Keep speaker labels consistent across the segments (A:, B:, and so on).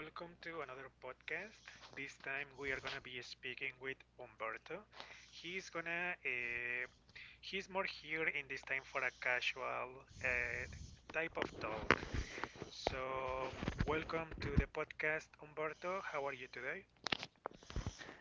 A: Welcome to another podcast. This time we are gonna be speaking with Umberto. He's gonna he's more here in this time for a casual uh, type of talk. So, welcome to the podcast, Umberto. How are you today?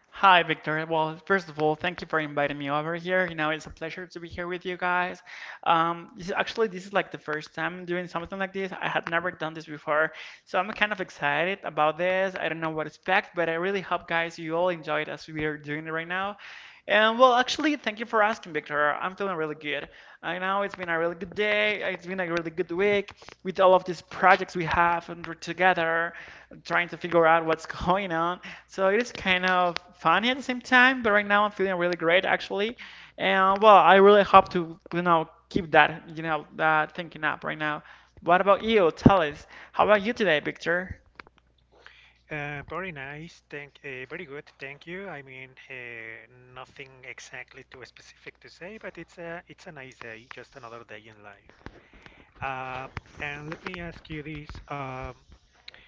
B: Hi, Victor. Well, first of all, thank you for inviting me over here. You know, it's a pleasure to be here with you guys. This is, actually, this is like the first time doing something like this. I had never done this before, so I'm kind of excited about this. I don't know what to expect, but I really hope, guys, you all enjoy it as we are doing it right now. And well, actually, thank you for asking, Victor. I'm feeling really good. I know it's been a really good day. It's been a really good week with all of these projects we have and we're together, trying to figure out what's going on. So it is kind of funny at the same time, but right now I'm feeling really great actually. And well, I really hope to, you know, keep that, you know, that thinking up right now. What about you? Tell us. How about you today, Victor?
A: Very nice. Very good. Thank you. I mean, nothing exactly too specific to say, but it's a nice day, just another day in life. Uh, and let me ask you this.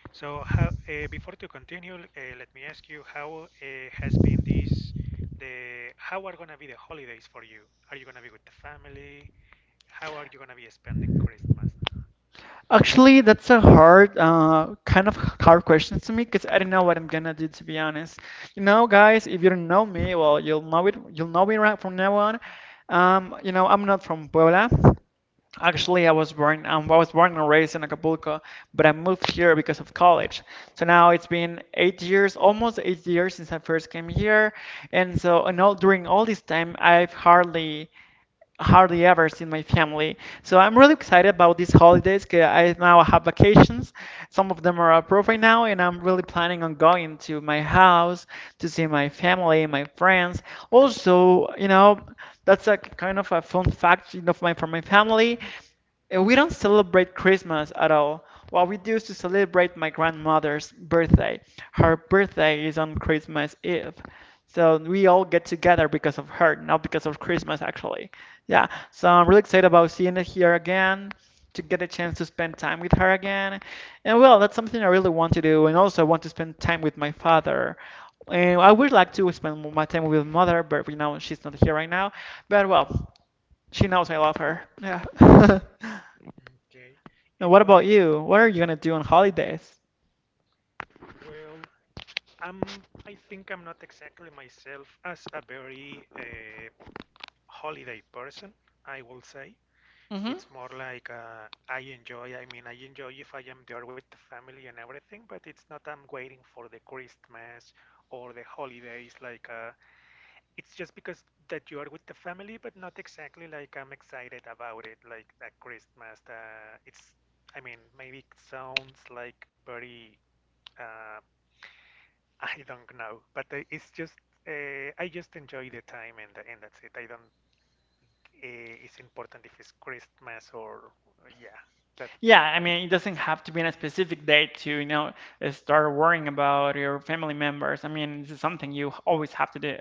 A: So, before to continue, let me ask you how has been this, the how are gonna be the holidays for you? Are you gonna be with the family? How are you gonna be spending Christmas?
B: Actually, that's a hard, kind of hard question to me because I don't know what I'm gonna do to be honest. You know, guys, if you don't know me, well, you'll know it. You'll know me right from now on. You know, I'm not from Puebla. Actually, I was born and raised in Acapulco, but I moved here because of college. So now it's been 8 years, almost 8 years since I first came here, and so and all, during all this time, I've hardly ever seen my family. So I'm really excited about these holidays, 'cause I now have vacations. Some of them are approved right now, and I'm really planning on going to my house to see my family, my friends. Also, you know, that's a kind of a fun fact, you know, from my family. We don't celebrate Christmas at all. What we do is to celebrate my grandmother's birthday. Her birthday is on Christmas Eve. So we all get together because of her, not because of Christmas, actually. Yeah, so I'm really excited about seeing her here again, to get a chance to spend time with her again. And well, that's something I really want to do. And also, I want to spend time with my father. And I would like to spend my time with mother, but we know she's not here right now. But well, she knows I love her. Yeah.
A: Okay.
B: Now,
A: And
B: what about
A: why?
B: you? What are you gonna do on holidays?
A: Well, I'm. I think I'm not exactly myself as a very holiday person. I will say.
B: hmm
A: It's more like I enjoy. I mean, I enjoy if I am there with the family and everything, but it's not I'm waiting for the Christmas or the holidays. Like it's just because that you are with the family, but not exactly like I'm excited about it. Like that Christmas, it's. I mean, maybe it sounds like very. Uh, I don't know, but it's just. I just enjoy the time and that's it. I don't it's important if it's Christmas or yeah. That
B: Yeah, I
A: I
B: mean, it doesn't have to be on a specific date to, you know, start worrying about your family members. I mean, this is something you always have to do.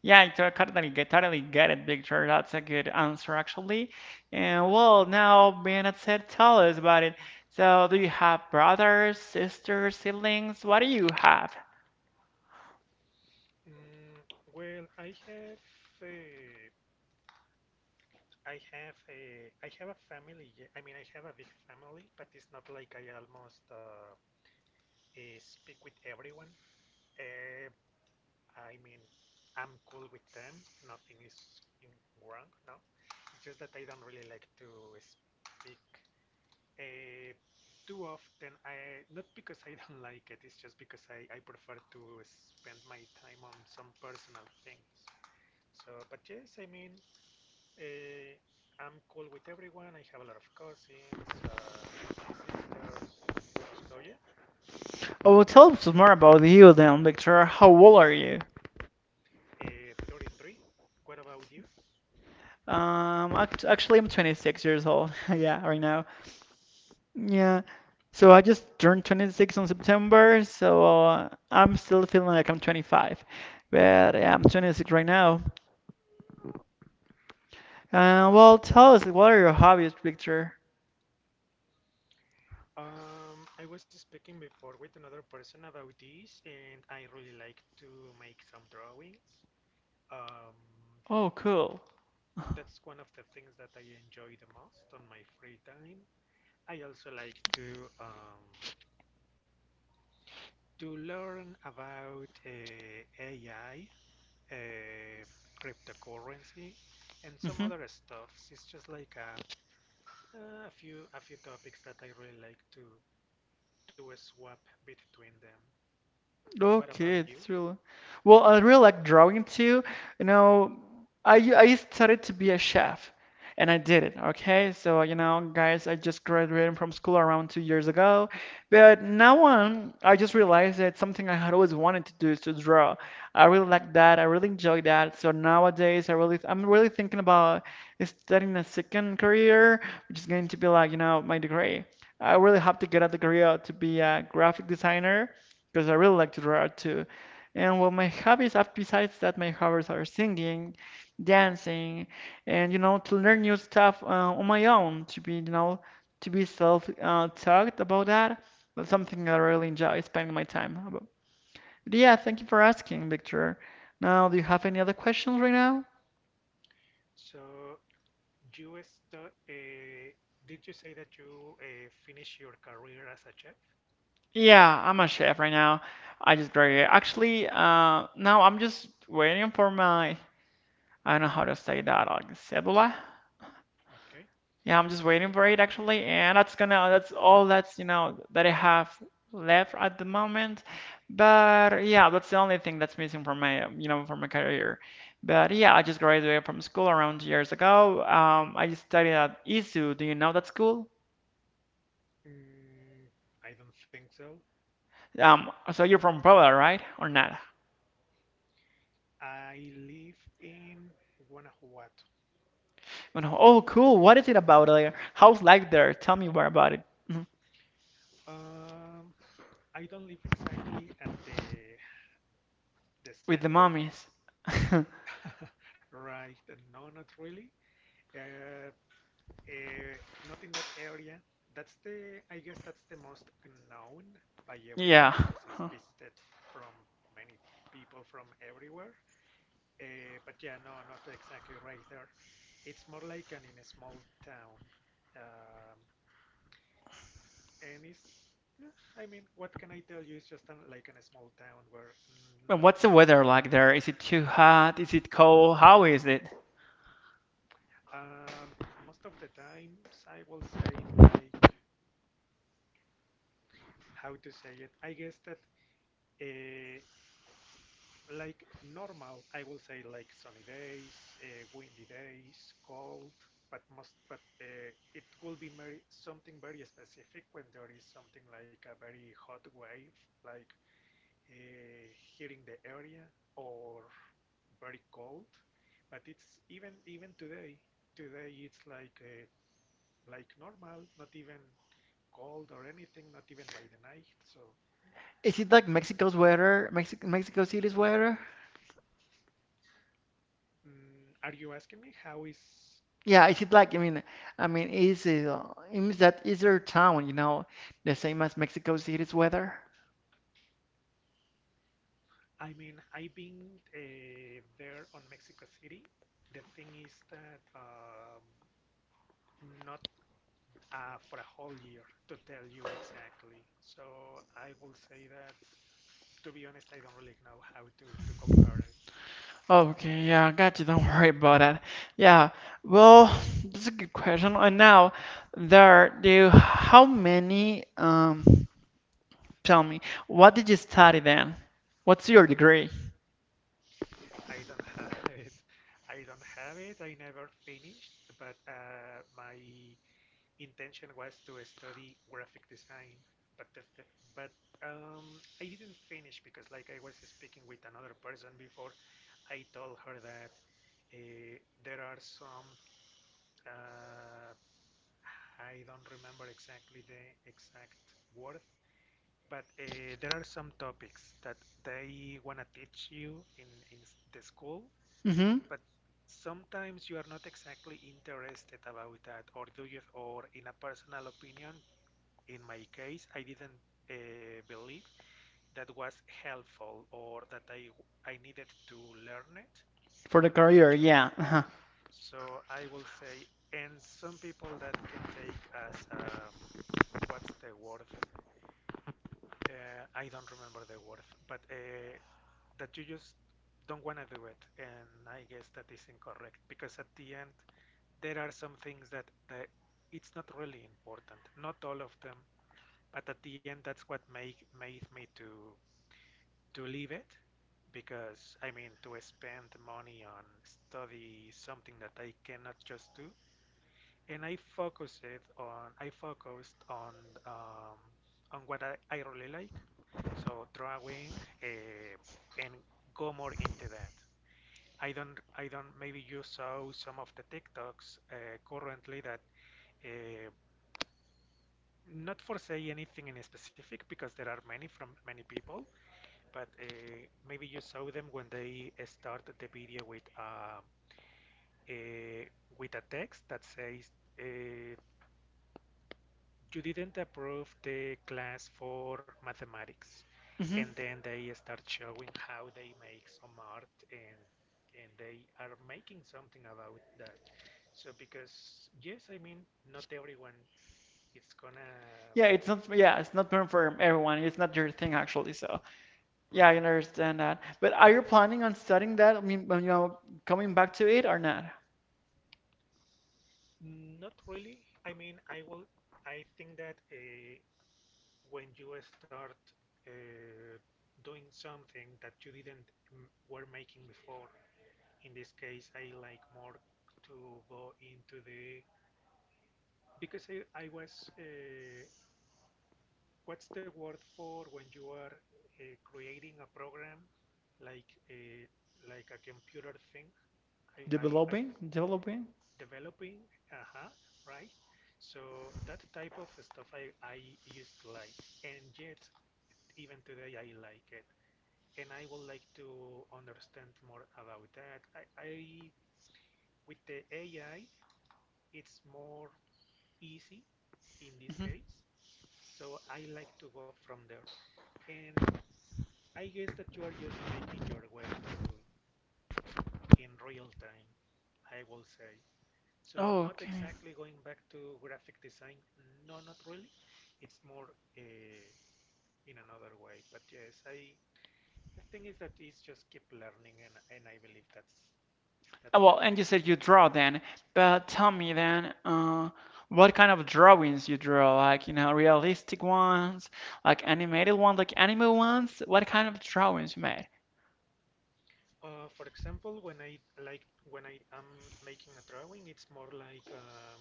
B: Yeah, I totally get it, Victor. That's a good answer, actually. And well, now, Bernard said, tell us about it. So, do you have brothers, sisters, siblings? What do you have?
A: mm, well, I have a, I have a family. Yeah, I mean, I have a big family, but it's not like I almost speak with everyone. Uh, I mean, I'm cool with them. Nothing is wrong. No, it's just that I don't really like to speak Uh, too often, I not because I don't like it. It's just because I prefer to spend my time on some personal things. So, but yes, I mean, uh, I'm cool with everyone. I have a lot of cousins, my sisters. So yeah,
B: Oh, tell us more about you then, Victor. How old are you?
A: 33. What about you?
B: Actually, I'm 26 years old. Yeah, right now. Yeah.
A: Mm.
B: So I just turned 26 on September, so I'm still feeling like I'm 25. But yeah, I'm 26 right now. Well, tell us, what are your hobbies, Victor?
A: I was speaking before with another person about this, and I really like to make some drawings. Um,
B: Oh, cool.
A: That's one of the things that I enjoy the most on my free time. I also like um, to learn about AI, uh, cryptocurrency, and some other stuff. It's just like a, a few topics that I really like to do a swap between them. What about
B: Okay,
A: you?
B: that's really well. I really like drawing too. You know, I started to be a chef, and I did it. Okay, so you know, guys, I just graduated from school around 2 years ago, but now on, I just realized that something I had always wanted to do is to draw. I really like that. I really enjoy that. So nowadays, I'm really thinking about starting a second career, which is going to be like you know my degree. I really hope to get a degree to be a graphic designer because I really like to draw too. And well, my hobbies, besides that, my hobbies are singing, dancing, and you know, to learn new stuff on my own, to be, you know, to be self-taught about that. That's something that I really enjoy spending my time about. But yeah, thank you for asking, Victor. Now, do you have any other questions right now?
A: So you st- uh, did you say that you finished your career as a chef?
B: Yeah, I'm a chef right now. I just graduated. Actually, now I'm just waiting for my, I don't know how to say that, like, cédula.
A: Okay.
B: Yeah, I'm just waiting for it actually, and that's all that's you know that I have left at the moment. But yeah, that's the only thing that's missing from my you know from my career. But yeah, I just graduated from school around years ago. I studied at ISU. Do you know that school?
A: Mm, I don't think so.
B: So you're from Puebla, right? Or not?
A: I live in Guanajuato.
B: You know, oh, cool. What is it about there? How's life there? Tell me more about it. Mhm.
A: Um, I don't live exactly at the
B: With the
A: center,
B: mummies.
A: right? No, not really. Uh, uh, not in that area. That's the, I guess that's the most known by everyone
B: Yeah.
A: because it's visited from many people from everywhere. But yeah, no, not exactly right there. It's more like an in a small town. Um, and it's I mean, what can I tell you? It's just an, like in a small town where
B: And
A: not.
B: what's the weather like there? Is it too hot? Is it cold? How is it?
A: Um, most of the times, I will say it like how to say it. I guess that uh, like normal, I will say like sunny days, windy days, cold. But most, but it will be very, something very specific when there is something like a very hot wave, like uh, here in the area or very cold, but it's even today today it's like normal, not even cold or anything, not even by the night. So
B: Is it like Mexico's weather, Mexico, Mexico City's weather?
A: mm, are you asking me how is
B: Yeah, is it like, I mean, is it, it means that is their town, you know, the same as Mexico City's weather?
A: I mean I've been there on Mexico City. The thing is that not for a whole year to tell you exactly. So I will say that to be honest, I don't really know how to compare it.
B: Okay, yeah, got you. Don't worry about that. Yeah, well, that's a good question. And now, there, do you, how many, tell me, what did you study then? What's your degree?
A: I don't have it. I don't have it. I never finished, but my intention was to study graphic design. But the th- but I didn't finish because, like I was speaking with another person before, I told her that uh, there are some. Uh, I don't remember exactly the exact word, but there are some topics that they want to teach you in the school,
B: Mm-hmm.
A: but sometimes you are not exactly interested about that, or do you, or in a personal opinion, in my case, I didn't believe that was helpful or that I needed to learn it
B: For the
A: for the
B: career,
A: future.
B: yeah. Uh-huh.
A: So I will say, and some people that can take as what's the word I don't remember the word, but that you just don't want to do it, and I guess that is incorrect because at the end there are some things that it's not really important. Not all of them, but at the end that's what make made me to leave it because I mean to spend money on study something that I cannot just do, and I focused um, on what I really like, so drawing uh, and go more into that. I don't maybe you saw some of the TikToks currently that uh, not for say anything in specific because there are many from many people, but maybe you saw them when they start the video with a with a text that says. Uh, you didn't approve the class for mathematics,
B: Mm-hmm.
A: and then they start showing how they make some art, and they are making something about that. So because yes, I mean, not everyone is gonna
B: Yeah, it's not. Yeah, it's not meant for everyone. It's not your thing actually. So yeah, I
A: write
B: understand that. But are you planning on studying that? I mean, you know, coming back to it or not?
A: not really. I mean, I will, I think that when you start uh, doing something that you didn't were making before, in this case I like more to go into the because I was what's the word for when you are creating a program like a, like a computer thing I'm
B: Developing, developing.
A: developing. Uh-huh, right. So that type of stuff I used to like, and yet even today I like it, and I would like to understand more about that I with the AI it's more easy in this
B: hmm
A: case. So I like to go from there. And I guess that you are just making your way to in real time, I will say. So
B: Oh,
A: not
B: okay.
A: exactly going back to graphic design. No, not really. It's more uh, in another way. But yes, I the thing is that it's just keep learning, and I believe that's the
B: Well, and
A: thing.
B: you said you draw then, but tell me then, what kind of drawings you draw? Like, you know, realistic ones, like animated ones, like anime ones. What kind of drawings you made?
A: For example, when I like when I am making a drawing, it's more like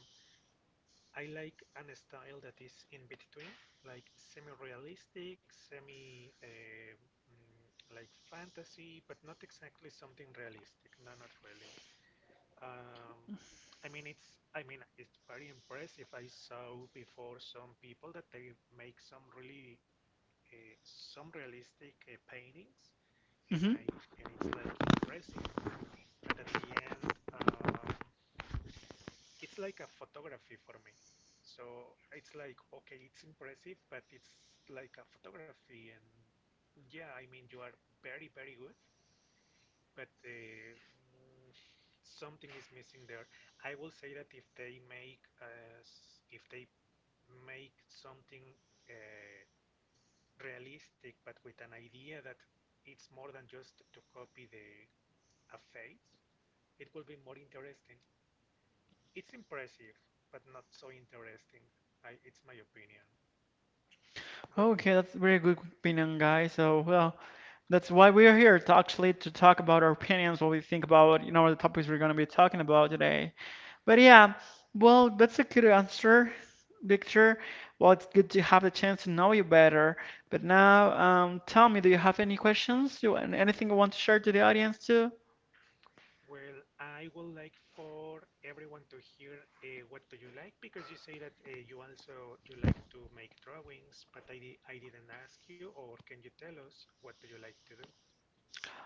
A: I like a style that is in between, like semi-realistic, semi mm, like fantasy, but not exactly something realistic. No, not really. Um, I mean, it's very impressive. I saw before some people that they make some really some realistic paintings, and
B: Mm-hmm.
A: I and it's like impressive. But at the end, it's like a photography for me. So it's like, okay, it's impressive, but it's like a photography. And yeah, I mean, you are very, very good, but something is missing there. I will say that if they if they make something uh, realistic, but with an idea that it's more than just to copy the a face, it will be more interesting. It's impressive, but not so interesting. I, it's my opinion. What?
B: Okay, that's a very good opinion, guys. So, well, that's why we are here to actually to talk about our opinions, what we think about, you know, the topics we're gonna be talking about today. But yeah, well, that's a good answer, Victor. Well, it's good to have the chance to know you better. But now, tell me, do you have any questions? You, and anything you want to share to the audience too?
A: Well, I would like for everyone to hear what do you like, because you say that you also you like to make drawings, but I didn't ask you, or can you tell us what do you like to do?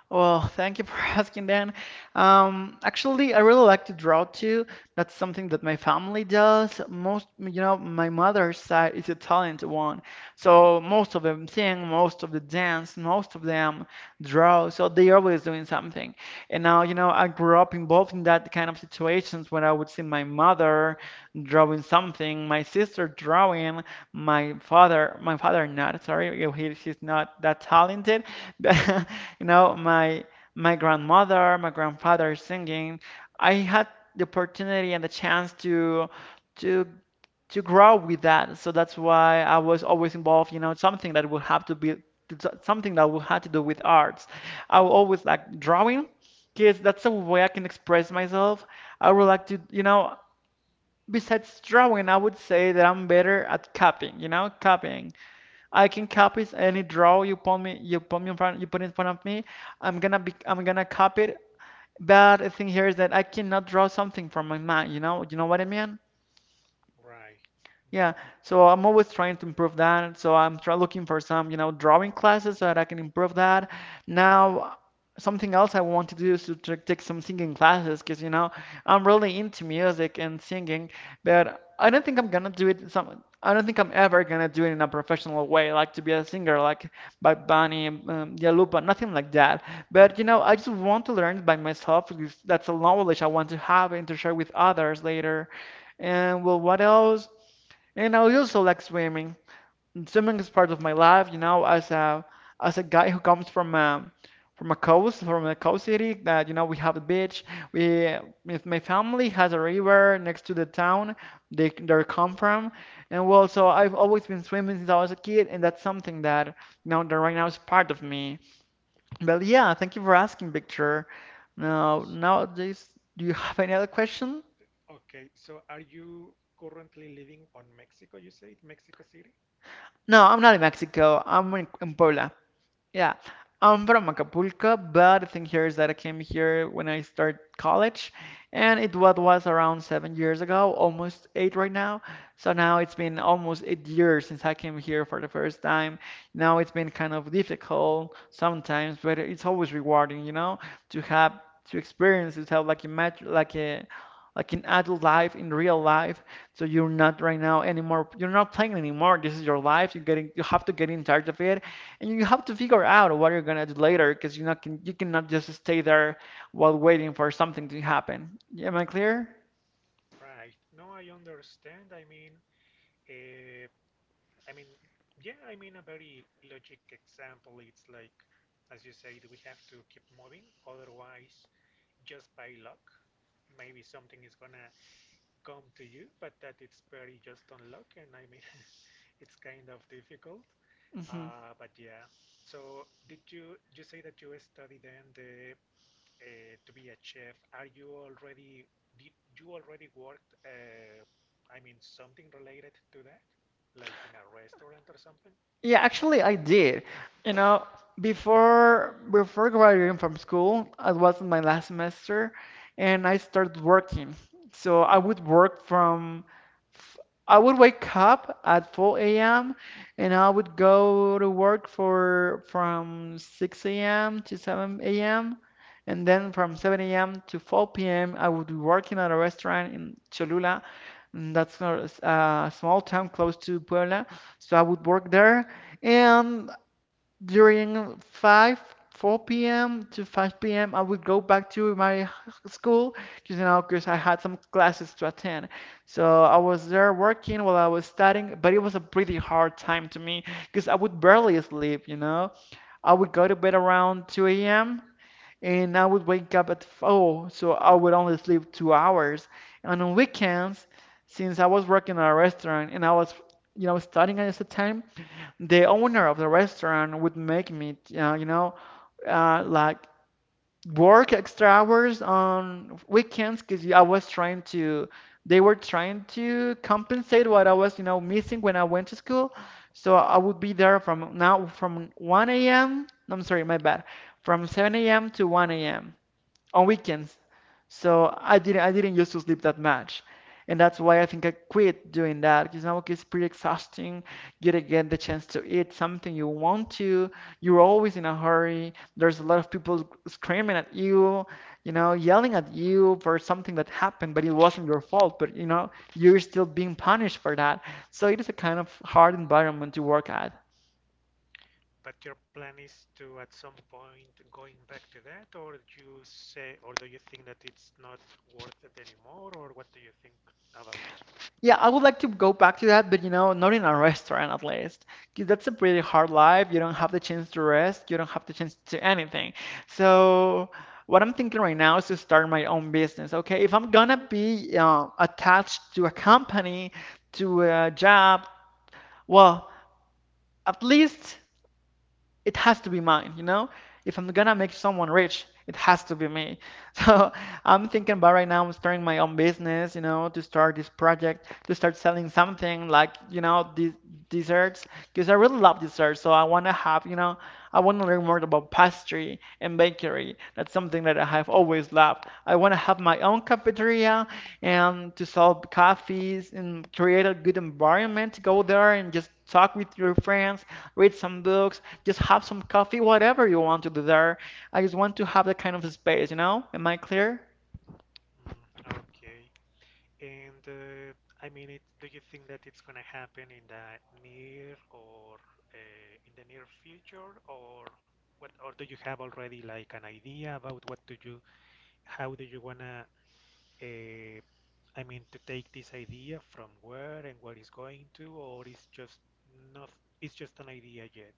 B: Well, thank you for asking, Dan. Actually, I really like to draw too. That's something that my family does. Most, you know, my mother's side is a talented one, so most of them sing, most of them dance, most of them draw. So they're always doing something. And now, you know, I grew up involved in that kind of situations when I would see my mother drawing something, my sister drawing my father not sorry he, he's not that talented but you
A: Mhm.
B: know my grandmother my grandfather singing. I had the opportunity and the chance to to grow with that, so that's why I was always involved, you know, something that would have to be something that would have to do with arts. I will always like drawing because that's a way I can express myself. I would like to, you know, besides drawing, I would say that I'm better at copying, you know, copying. I can copy any draw you put me in front, you put in front of me. I'm gonna copy it. But the thing here is that I cannot draw something from my mind, you know what I mean?
A: Right. Mhm.
B: Yeah, so I'm always trying to improve that. So I'm try looking for some, you know, drawing classes so that I can improve that. Now, something else I want to do is to take some singing classes because, you know, I'm really into music and singing, but I don't think I'm ever gonna do it in a professional way, like to be a singer, like Bad Bunny,
A: Mhm.
B: Dua Lipa, nothing like that. But you know, I just want to learn it by myself because that's a knowledge I want to have and to share with others later. And well, what else? And I also like swimming. Swimming is part of my life, you know, as a guy who comes from a coast city that, you know, we have a beach. We if my family has a river next to the town they come from. And well, so I've always been swimming since I was a kid, and that's something that, you know, that right now is part of me. But yeah, thank you for asking, Victor. Now, nowadays, do you have any other question?
A: Okay. So, are you currently living on Mexico? You said Mexico City.
B: No, I'm not in Mexico. In Puebla. Yeah, I'm from
A: Ah,
B: Acapulco, but the thing here is that I came here when I started college, and it what was around 7 years ago, almost eight right now. So now it's been almost 8 years since I came here for the first time. Now it's been kind of difficult sometimes, but it's always rewarding, to have to have like a mat like a like in adult life, in real life. So you're not right now anymore. You're not playing anymore. This is your life. You have to get in charge of it, and you have to figure out what you're gonna do later because you cannot just stay there while waiting for something to happen. Yeah, am I clear?
A: right. No, I understand. Uh, I mean, yeah, I mean, a very logic example, it's like, as you said, we have to keep moving, otherwise, just by luck, maybe something is gonna come to you, but that it's very just on luck, and I mean, it's kind of difficult.
B: Mhm.
A: But yeah, so did you say that you study then the to be a chef? Are you already did you already worked? I mean, something related to that, like in a restaurant or something?
B: Yeah, actually, I did. You know, before graduating from school, I was in my last semester, and I started working. So I would work from, f- I would wake up at 4 a.m. and I would go to work for from 6 a.m. to 7 a.m. And then from 7 a.m. to 4 p.m., I would be working at a restaurant in Cholula. And that's not a small town close to Puebla. So I would work there, and during 5, 4 p.m. to 5 p.m., I would go back to my school, because I had some classes to attend. So I was there working while I was studying, but it was a pretty hard time to me because I would barely sleep. I would go to bed around 2 a.m. and I would wake up at 4, so I would only sleep 2 hours. And on weekends, since I was working at a restaurant and I was, studying at the time, the owner of the restaurant would make me, like work extra hours on weekends because I was trying to, they were trying to compensate what I was, missing when I went to school. So I would be there from 1 a.m. I'm sorry, my bad, from 7 a.m. to 1 a.m. on weekends. So I didn't used to sleep that much. And that's why I think I quit doing that because now it's pretty exhausting. You do not get the chance to eat something you want to. You're always in a hurry. There's a lot of people screaming at you, yelling at you
A: Right.
B: for something that happened, but it wasn't your fault. But you're still being punished for that. So it is a kind of hard environment to work at.
A: But your plan is to at some point going back to that, or do you say, or do you think that it's not worth it anymore, or what do you think about that?
B: Yeah, I would like to go back to that, but not in a restaurant at least. 'Cause that's a pretty hard life. You don't have the chance to rest, you don't have the chance to anything. So, what I'm thinking right now is to start my own business. Okay, if I'm gonna be attached to a company, to a job, well, at least it has to be mine, you know? If I'm gonna make someone rich, it has to be me. So I'm thinking
A: Mhm.
B: about right now, I'm starting my own business, to start this project, to start selling something like, these desserts, because I really love desserts. So I wanna have, you know, I wanna learn more about pastry and bakery. That's something that I have always loved. I wanna have my own cafeteria and to sell coffees and create a good environment to go there and just talk with your friends, read some books, just have some coffee, whatever you want to do there. I just want to have that kind of space, you know? Am I clear?
A: Mm, okay. And I mean, it, do you think that it's gonna happen in the near or in the near future, or what, or do you have already like an idea about what do you, how do you wanna uh, I mean, to take this idea from where and where it's going to, or it's just not, it's just an idea yet.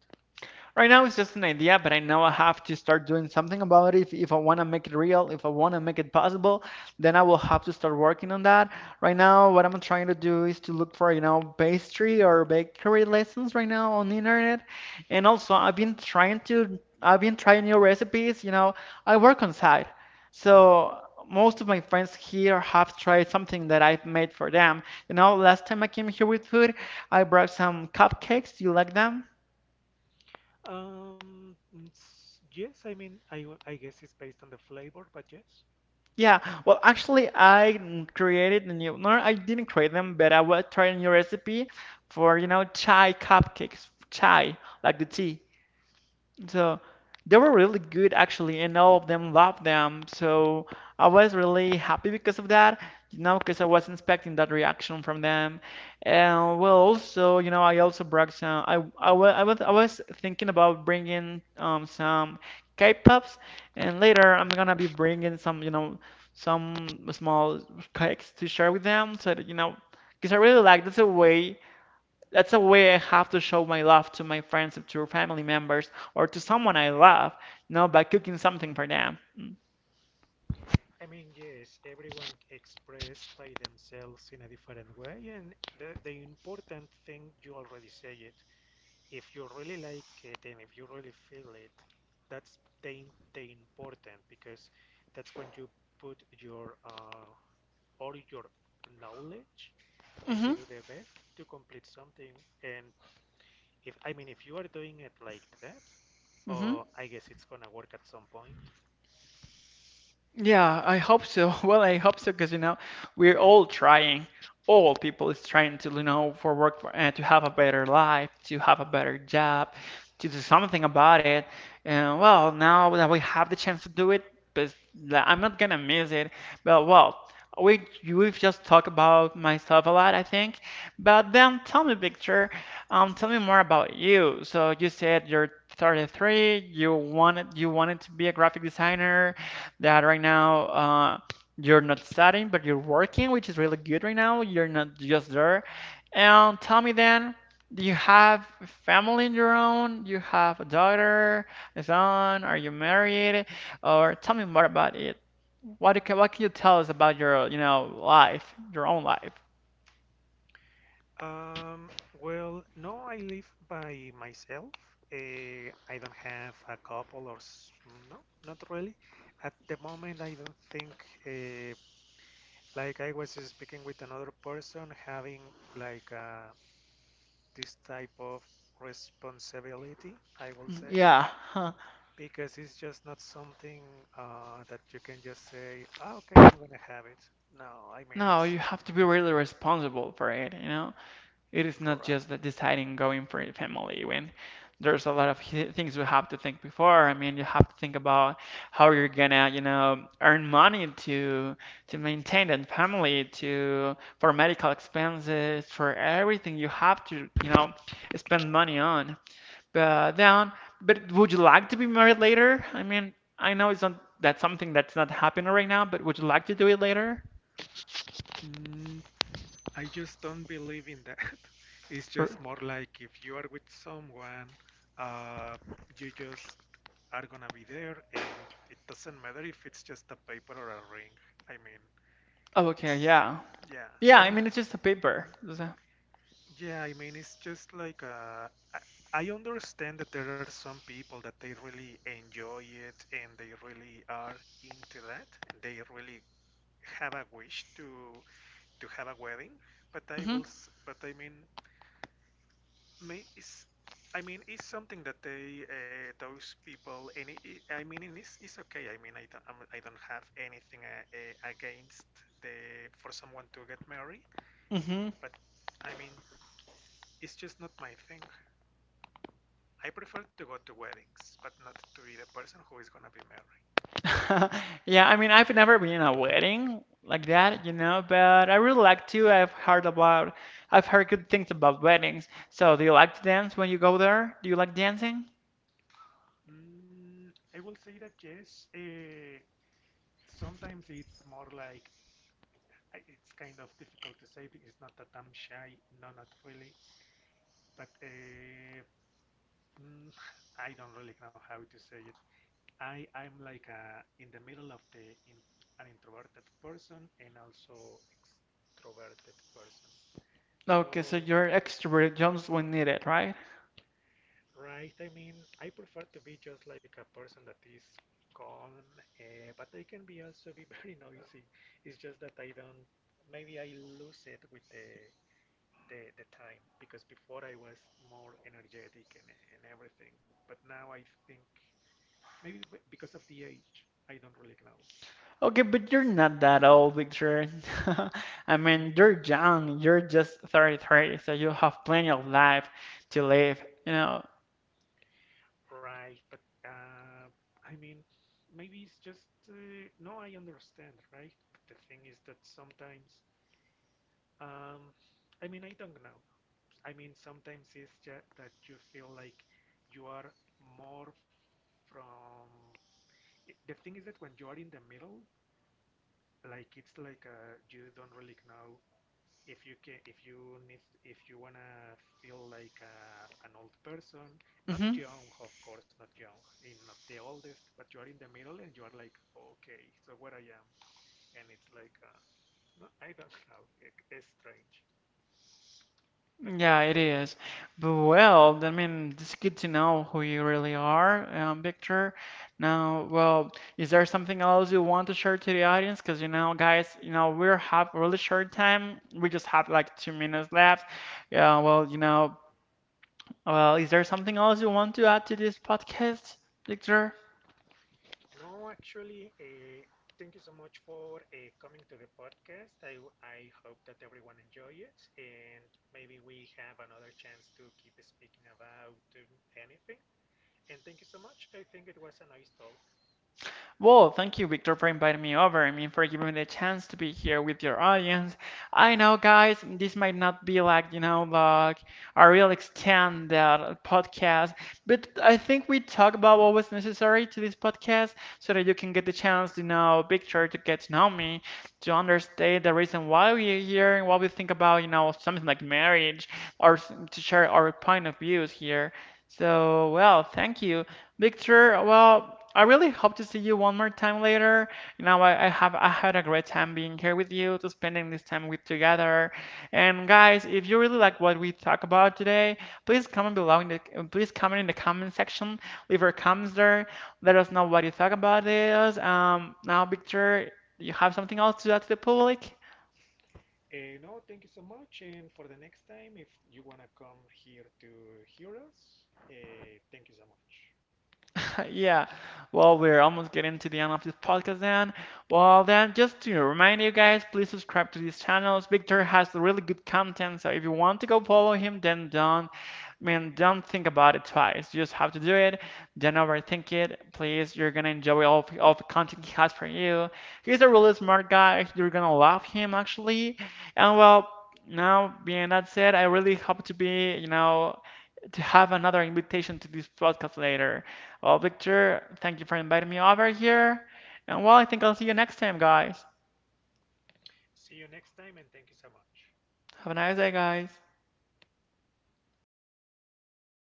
B: Right now it's just an idea, but I know I have to start doing something about it. If I want to make it real, if I want to make it possible, then I will have to start working on that. Right now, what I'm trying to do is to look for, pastry or bakery lessons right now on the internet. And also, I've been trying new recipes. I work on site, so most of my friends here have tried something that I've made for them. Last time I came here with food, I brought some cupcakes. Do you like them?
A: Um, yes, I mean, I—I guess it's based on the flavor, but yes.
B: Yeah, well, actually, I created a new. No, I didn't create them, but I was trying a new recipe for, chai cupcakes. Chai, like the tea. So they were
A: Mm.
B: really good actually, and all of them loved them. So I was really happy because of that, because I was expecting that reaction from them. And well, also, I also brought some. I was thinking about bringing some K-pops, and later I'm gonna be bringing some small cakes to share with them, so that, because I really like that's a way. That's a way I have to show my love to my friends, to family members, or to someone I love, by cooking something for them. Mm.
A: I mean, yes, everyone expressed by themselves in a different way, and the important thing you already say it. If you really like it and if you really feel it, that's the important because that's when you put your all your knowledge and
B: Mm-hmm.
A: you do the best to complete something. And if I mean if you are doing it like that,
B: Mm-hmm.
A: I guess it's gonna work at some point.
B: Yeah, I
A: So
B: hope so. Well, I hope so because we're all trying. All people is trying to you know for work to have a better life, to have a better job, to do something about it. And well, now that we have the chance to do it, but like, I'm not gonna miss it. But well, we we've just talked about myself a lot, I think. But then tell me, Victor, tell me more about you. So you said you're 33. You wanted to be a graphic designer that right now you're not studying, but you're working, which is really good right now. You're not just there. And tell me then, do you have a family in your own? You have a daughter, a son? Are you married? Or tell me more about it. What can you tell us about your, life, your own life?
A: Um, well, no, I live by myself. I don't have a couple or no, not really. At the moment, I don't think, like I was speaking with another person, having like uh, this type of responsibility, I will say,
B: Yeah. Huh.
A: because it's just not something that you can just say, "Ah, okay, I'm gonna have it. No, I mean,
B: No,
A: it's
B: you have to be really responsible for it, you know? It is not just that deciding going for a family when there's a lot of things you have to think before. I mean, you have to think about how you're gonna, earn money to maintain that family, to for medical expenses, for everything you have to, spend money on. But then, but would you like to be married later? I mean, I know it's not that's something that's not happening right now, but would you like to do it later?
A: right. I just don't believe in that. It's
B: Or,
A: just more like if you are with someone, uh, you just are gonna be there, and it doesn't matter if it's just a paper or a ring. I mean,
B: oh, okay,
A: it's
B: yeah,
A: yeah.
B: yeah.
A: I
B: I
A: mean,
B: mean, it's just a paper.
A: mhm. Yeah. I mean, it's just like I understand that there are some people that they really enjoy it and they really are into that. They really have a wish to have a wedding. But
B: Hmm.
A: I mean, May is, I mean, it's something that they those people and I mean, and it's okay. I mean, I don't have anything against the for someone to get married,
B: Hmm.
A: but I mean, it's just not my thing. I prefer to go to weddings, but not to be the person who is gonna be married.
B: Yeah, I mean, I've never been in a wedding like that, but I really like to. I've heard good things about weddings. So, do you like to dance when you go there? Do you like dancing?
A: Mm, I will say that yes. Sometimes it's more like it's kind of difficult to say. Because it's not that I'm shy, no, not really. But Mm, I don't really know how to say it. I'm like in the middle of an introverted person and also extroverted person.
B: Okay, so
A: So,
B: you're extrovert just when needed, right?
A: right, I mean, I prefer to be just like a person that is calm, but I can be also be very noisy. It's just that I don't, maybe I lose it with the time because before I was more energetic and everything, but now I think. Maybe because of the age, I don't really know.
B: Okay, but you're not that old, Victor. I mean,
A: Oh,
B: you're young. You're just 33, so you have plenty of life to live.
A: right, but I mean, maybe it's just no, I understand, right? But the thing is that sometimes, um, I mean, I don't know. I mean, sometimes it's just that you feel like you are more from. The thing is that when you are in the middle, like it's like you don't really know if you can if you need if you wanna feel like an old person, not
B: Mm-hmm.
A: young, of course, not young, in not the oldest, but you are in the middle and you are like, okay, so where I am, and it's like no, I don't know, it's strange but you
B: Yeah,
A: are
B: it
A: 20
B: is. But well, I mean, it's good to know who you really are, Victor. Now, well, is there something else you want to share to the audience? Because guys, we are have really short time. We just have like 2 minutes left. Yeah, well, is there something else you want to add to this podcast, Victor?
A: no actually thank you so much for coming to the podcast I hope that everyone enjoy it and maybe we have another chance to keep speaking about anything. And thank you so much. I think it was a nice talk.
B: Well, thank you, Victor, for inviting me over. I mean, for giving me the chance to be here with your audience. I know, guys, this might not be like, like a real extended podcast, but I think we talk about what was necessary to this podcast so that you can get the chance to know Victor, to get to know me, to understand the reason why we are here and what we think about, something like marriage or to share our point of views here. So, well, thank you. Victor, well, I really hope to see you one more time later. I had a great time being here with you, to spending this time with together. And guys, if you really like what we talk about today, please comment in the comment section. Leave your comments there. Let us know what you thought about this. Now, Victor, do you have something else to add to the public?
A: No, thank you so much. And for the next time, if you want to come here to hear us, thank you so much.
B: Yeah. Well, we're almost getting to the end of this podcast then. Well, then, just to remind you guys, please subscribe to these channels. Victor has really good content, so if you want to go follow him, then don't, I mean, don't think about it twice. You just have to do it. Don't overthink it. Please, you're gonna enjoy all the content he has for you. He's a really smart guy. You're gonna love him actually. And well, now being that said, I really hope to be, you know, to have another invitation to this podcast later. Well, Victor, thank you for inviting me over here. And well, I think I'll see you next time, guys.
A: See you next time, and thank you so much.
B: Have a nice
A: Thanks.
B: day, guys.